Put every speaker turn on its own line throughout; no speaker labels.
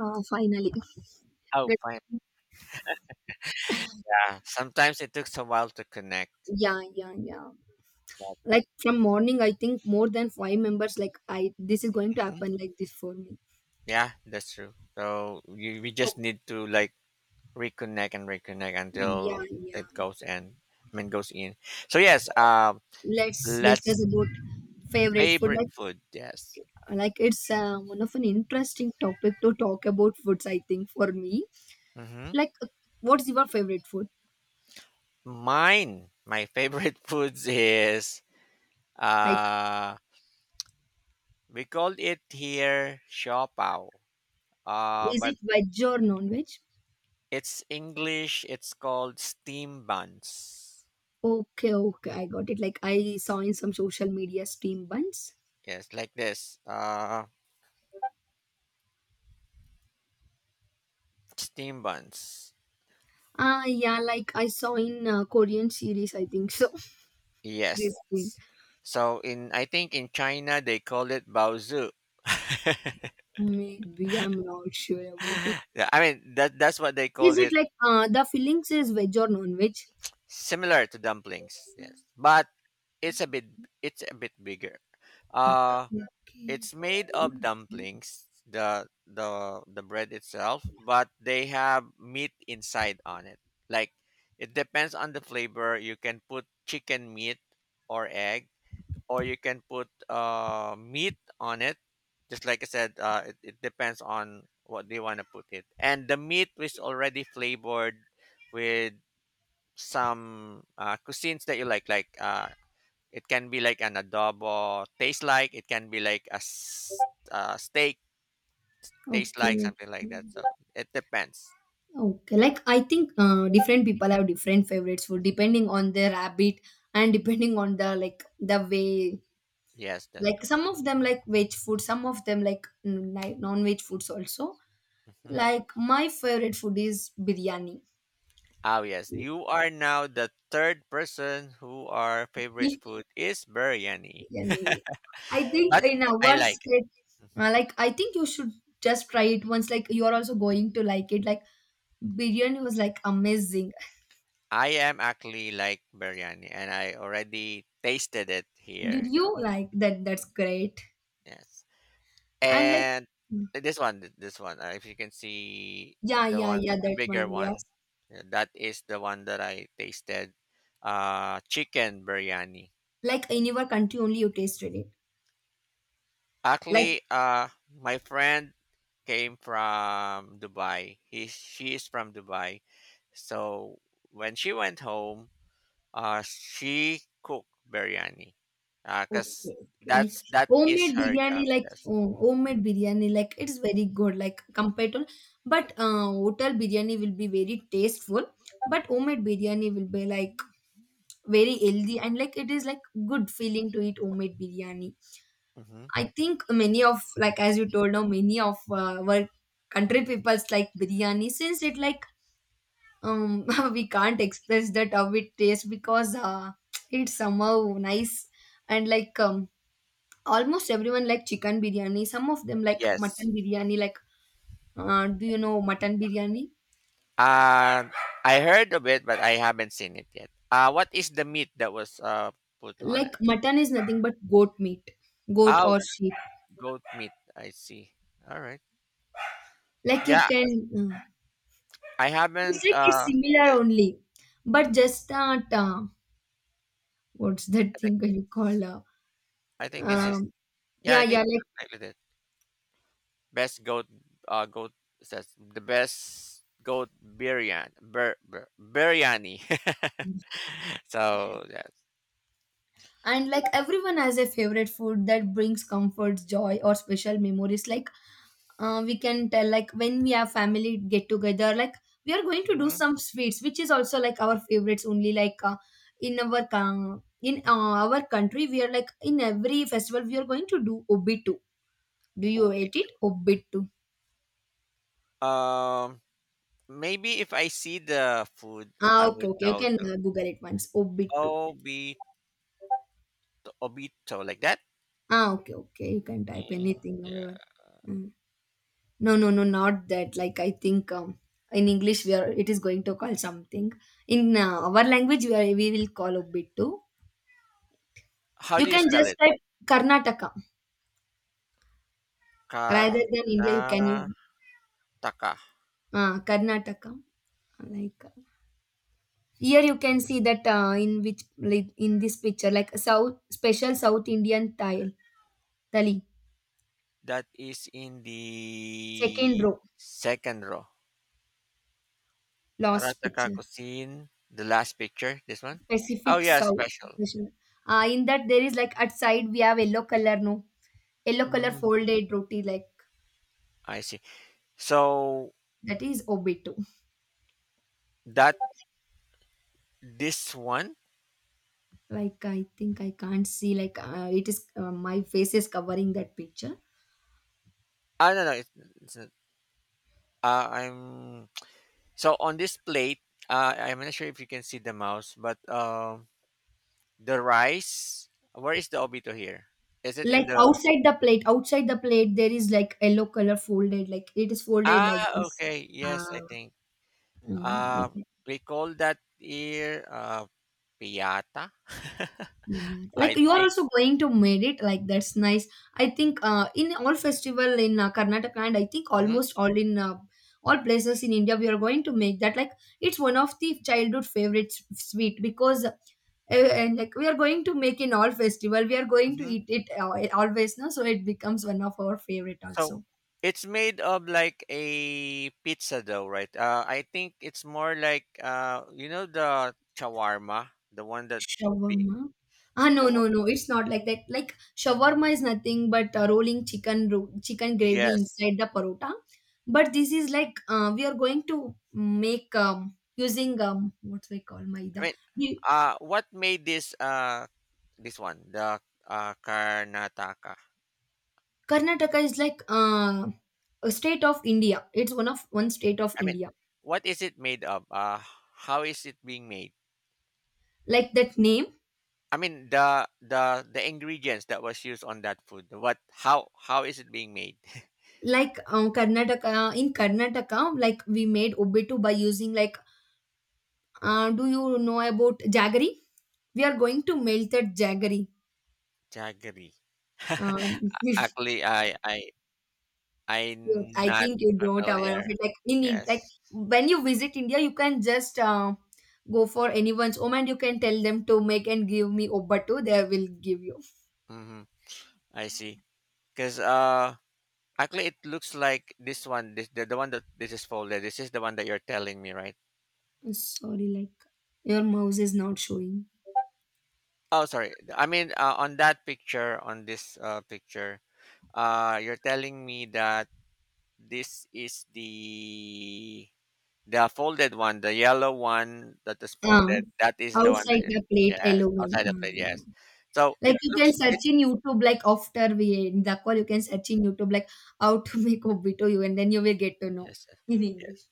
Finally.
Oh,
But
fine. Yeah. Sometimes it takes a while to connect.
yeah.
But,
Like from morning, I think more than five members. Like this is going to
mhm.
happen like this for me.
Yeah, that's true. So we just
Oh,
need to like reconnect and reconnect until
yeah.
it goes in. I mean, goes in. So yes.
Let's
Let's
discuss about favorite food.
favorite
Like,
food. Yes.
like it's one of an interesting topic to talk about foods. I think for me,
Mm-hmm.
like, uh, what's your favorite food?
Mine. My favorite foods is,
I
uh we call it here shopao.
Is
But
it veg or non veg?
it's English. It's called steam buns.
Okay, I got it. Like I saw in some social media steam buns.
Yes, like this. Steam buns.
Ah, yeah, like I saw in Korean series, I think so.
Yes.
This thing.
So in I think in China they call it baozu.
Maybe I'm not sure about it.
Yeah, I mean that's what they call
Is it
it.
like the fillings is veg or non veg?
Similar to dumplings. Yes, but it's a bit it's a bit bigger. Uh,
Okay,
it's made of dumplings. The bread itself, but they have meat inside on it. Like it depends on the flavor. You can put chicken meat or egg, or you can put meat on it. Just like I said, it depends on what they want to put it. And the meat is already flavored with some cuisines that you like. Like it can be like an adobo taste like. It can be like a steak taste, like
okay, okay.
something like that. So it depends.
Okay, like I think different people have different favorites food depending on their habit and depending on the like the way.
Yes, that's
Like
correct.
some of them like veg food, some of them like non veg foods also.
Hmm.
Like my favorite food is biryani.
Oh yes, you are now the third person who our favorite food is biryani.
Yeah, I think
But
in
I
our
like.
state, like I think you should just try it once. Like you are also going to like it. Like biryani was like amazing.
I am actually like biryani, and I already tasted it
Did
here.
you like that? That's great.
Yes,
And like,
and this one, this one. If you can see
yeah,
the
yeah,
one,
yeah,
the
that
bigger
one.
one,
Yes,
yeah, that is the one that I tasted. Chicken biryani.
like in your country only you tasted it.
Actually,
Like
my friend came from Dubai. He she is from Dubai, so when she went home, she cook biryani. Cause
okay, okay. Like
that is
homemade
her
biryani,
job.
like
Yes.
oh, homemade biryani, like it's very good, like compared to, but hotel biryani will be very tasteful, but homemade biryani will be like very healthy and like it is like good feeling to eat homemade biryani.
Mm-hmm.
I think many of like as you told now many of our country people's like biryani since it like um we can't express that how it tastes because it's somehow nice and like almost everyone like chicken biryani. Some of them like
Yes.
mutton biryani. Like, do you know mutton biryani?
Uh, I heard of it, but I haven't seen it yet. What is the meat that was put on
Like
it?
mutton is nothing but goat meat, goat
Oh,
or sheep.
goat meat. I see. All right.
Like you
Yeah,
can,
I haven't.
it's like it's similar
I
only, but just that what's
I
that
think
thing you call?
this is.
Um,
Yeah,
yeah,
I think
yeah, like
I did it. Best goat. Goat says the best goat biryani. Biryani. So yeah,
and like everyone has a favorite food that brings comfort, joy, or special memories. Like we can tell like when we have family get together like we are going to do
mhm.
some sweets which is also like our favorites only like in our country we are like in every festival we are going to do obittu, do you
Oh, me
eat it
too.
obittu?
Um, maybe if I see the food,
Ah,
I
okay,
would
okay, you
know
can
too.
google it once obittu.
Obito, obito, like that.
Ah, okay, okay, you can type
Mm,
anything however.
yeah.
Mm. No, not that like I think in English we are it is going to call something in our language we, are, we will call obittu.
How
You
do you
can
spell
just
it?
type Karnataka rather than India. You
Karnataka.
can use Karnataka. Like here, you can see that in which like in this picture, like South special South Indian tile tali,
That is in
second
the
row
second row.
last
Karataka
picture
cuisine. The last picture. This one. Oh
specific
yeah,
South
special.
special. In that there is like at side we have yellow color no, yellow color
Mm,
folded roti like
I see. So
that is obito.
that this one.
Like I think I can't see like it is my face is covering that picture
Ah, no, no, it's not. I'm So on this plate, I'm not sure if you can see the mouse, but the rice. Where is the obito here? Is it in
like
the?
outside the plate, outside the plate there is like yellow color folded like it is folded like
Ah,
this.
okay. Yes, I
Ah,
think.
oh,
Uh,
okay.
we call that here, piata.
Yeah, like
I
you are
think.
also going to made it like that's nice. I think in all festival in Karnataka and I think
Hmm.
almost all in all places in India we are going to make that like it's one of the childhood favorite sweet because and like we are going to make in all festival we are going to
Hmm.
eat it always no so it becomes one of our favorite
So
also.
it's made of like a pizza dough, right? I think it's more like, you know the shawarma, the one that big,
Shawarma? Ah, no,
the
no,
one.
no. It's not like that. Like shawarma is nothing but rolling chicken, chicken gravy
Yes,
inside the parota. But this is like we are going to make using what we call
I
maida.
mean,
We-
what made this one, the Karnataka?
Karnataka is like a state of India. It's one state of
I mean,
India.
what is it made of? How is it being made?
Like that name,
I mean, the ingredients that was used on that food. What? How? How is it being made?
like Karnataka. In Karnataka, like we made obittu by using like. Do you know about jaggery? We are going to melt that jaggery.
Jaggery.
Um, you-
Actually, I'm
I
not
think you don't aware of
familiar.
it. Like in like
Yes.
when you visit India, you can just go for anyone's home and you can tell them to make and give me obattu. They will give you.
Mm-hmm. I see. Because actually, it looks like this one, this the one that this is folded. This is the one that you're telling me, right?
Sorry, like your mouse is not showing.
Oh, sorry. I mean, on that picture, on this picture, you're telling me that this is the folded one, the yellow one that is
Uh,
folded. That is the one
outside
that,
the plate,
yes,
yellow one.
outside the plate. Yes.
Mm.
So it
Like you can
looks it,
search in YouTube. Like after we end the call, you can search in YouTube like how to make obito you, and then you will get to know
yes, yes.
in English.
Yes.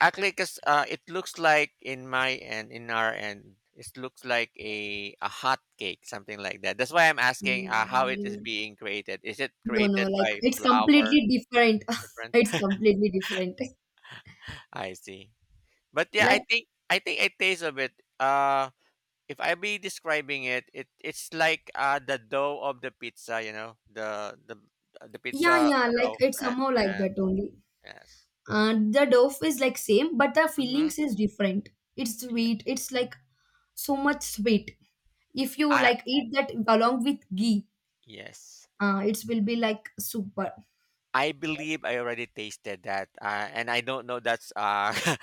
Actually, because it looks like in my end, in our end, it looks like a hot cake, something like that. That's why I'm asking, how it is
Mm.
being created. Is it
No, no,
created
like
by
it's
flour?
completely different.
Different.
It's completely different.
I see. But yeah, I
Like,
think I taste a bit. Uh if I be describing it, it's like the dough of the pizza, you know, the
yeah,
pizza
yeah, like
dough.
it's
Right?
somehow like
Yes,
that only.
yes.
The dough is like same, but the
Mm-hmm.
feelings is different. It's
Yeah.
sweet. It's like so much sweet. If you
I
like eat that along with ghee,
yes.
it will be like super.
I believe I already tasted that, and I don't know that's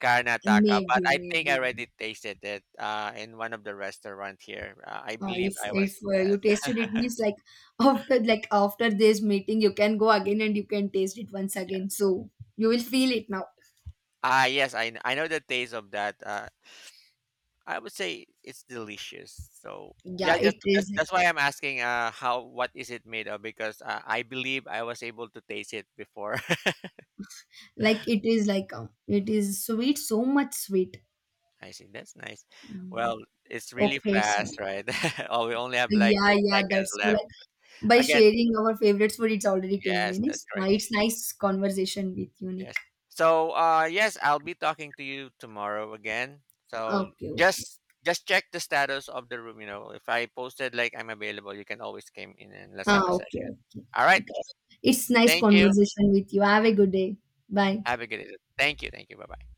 Karnataka, but
Maybe,
I think I
maybe.
already tasted it in one of the restaurant here. I believe I was,
If
yes,
you tasted it means like after like after this meeting you can go again and you can taste it once again.
yes.
So you will feel it now.
Ah, yes, I know the taste of that. I would say it's delicious. So yeah,
Yeah,
just
it
that's,
is. like,
that's why I'm asking. How what is it made of? Because I believe I was able to taste it before.
Like it is like it
Mhm.
is sweet, so much sweet.
I see. That's nice.
Mm.
Well, it's really
Okay, sir.
fast, right? Oh, we only have like
Yeah,
eight
yeah,
seconds
that's true.
left.
Like by
Again,
sharing our favorite food, it's already ten
yes, that's
minutes.
correct.
It's nice conversation with you,
Yes.
Nick.
So yes, I'll be talking to you tomorrow again. So
Okay, okay.
just check the status of the room. You know, if I posted like I'm available, you can always come in and let's have a
Ah, okay,
session.
okay.
All right.
Okay. It's nice
Thank you.
conversation with you. Have a good day. Bye.
Have a good day. Thank you, thank you. Bye-bye.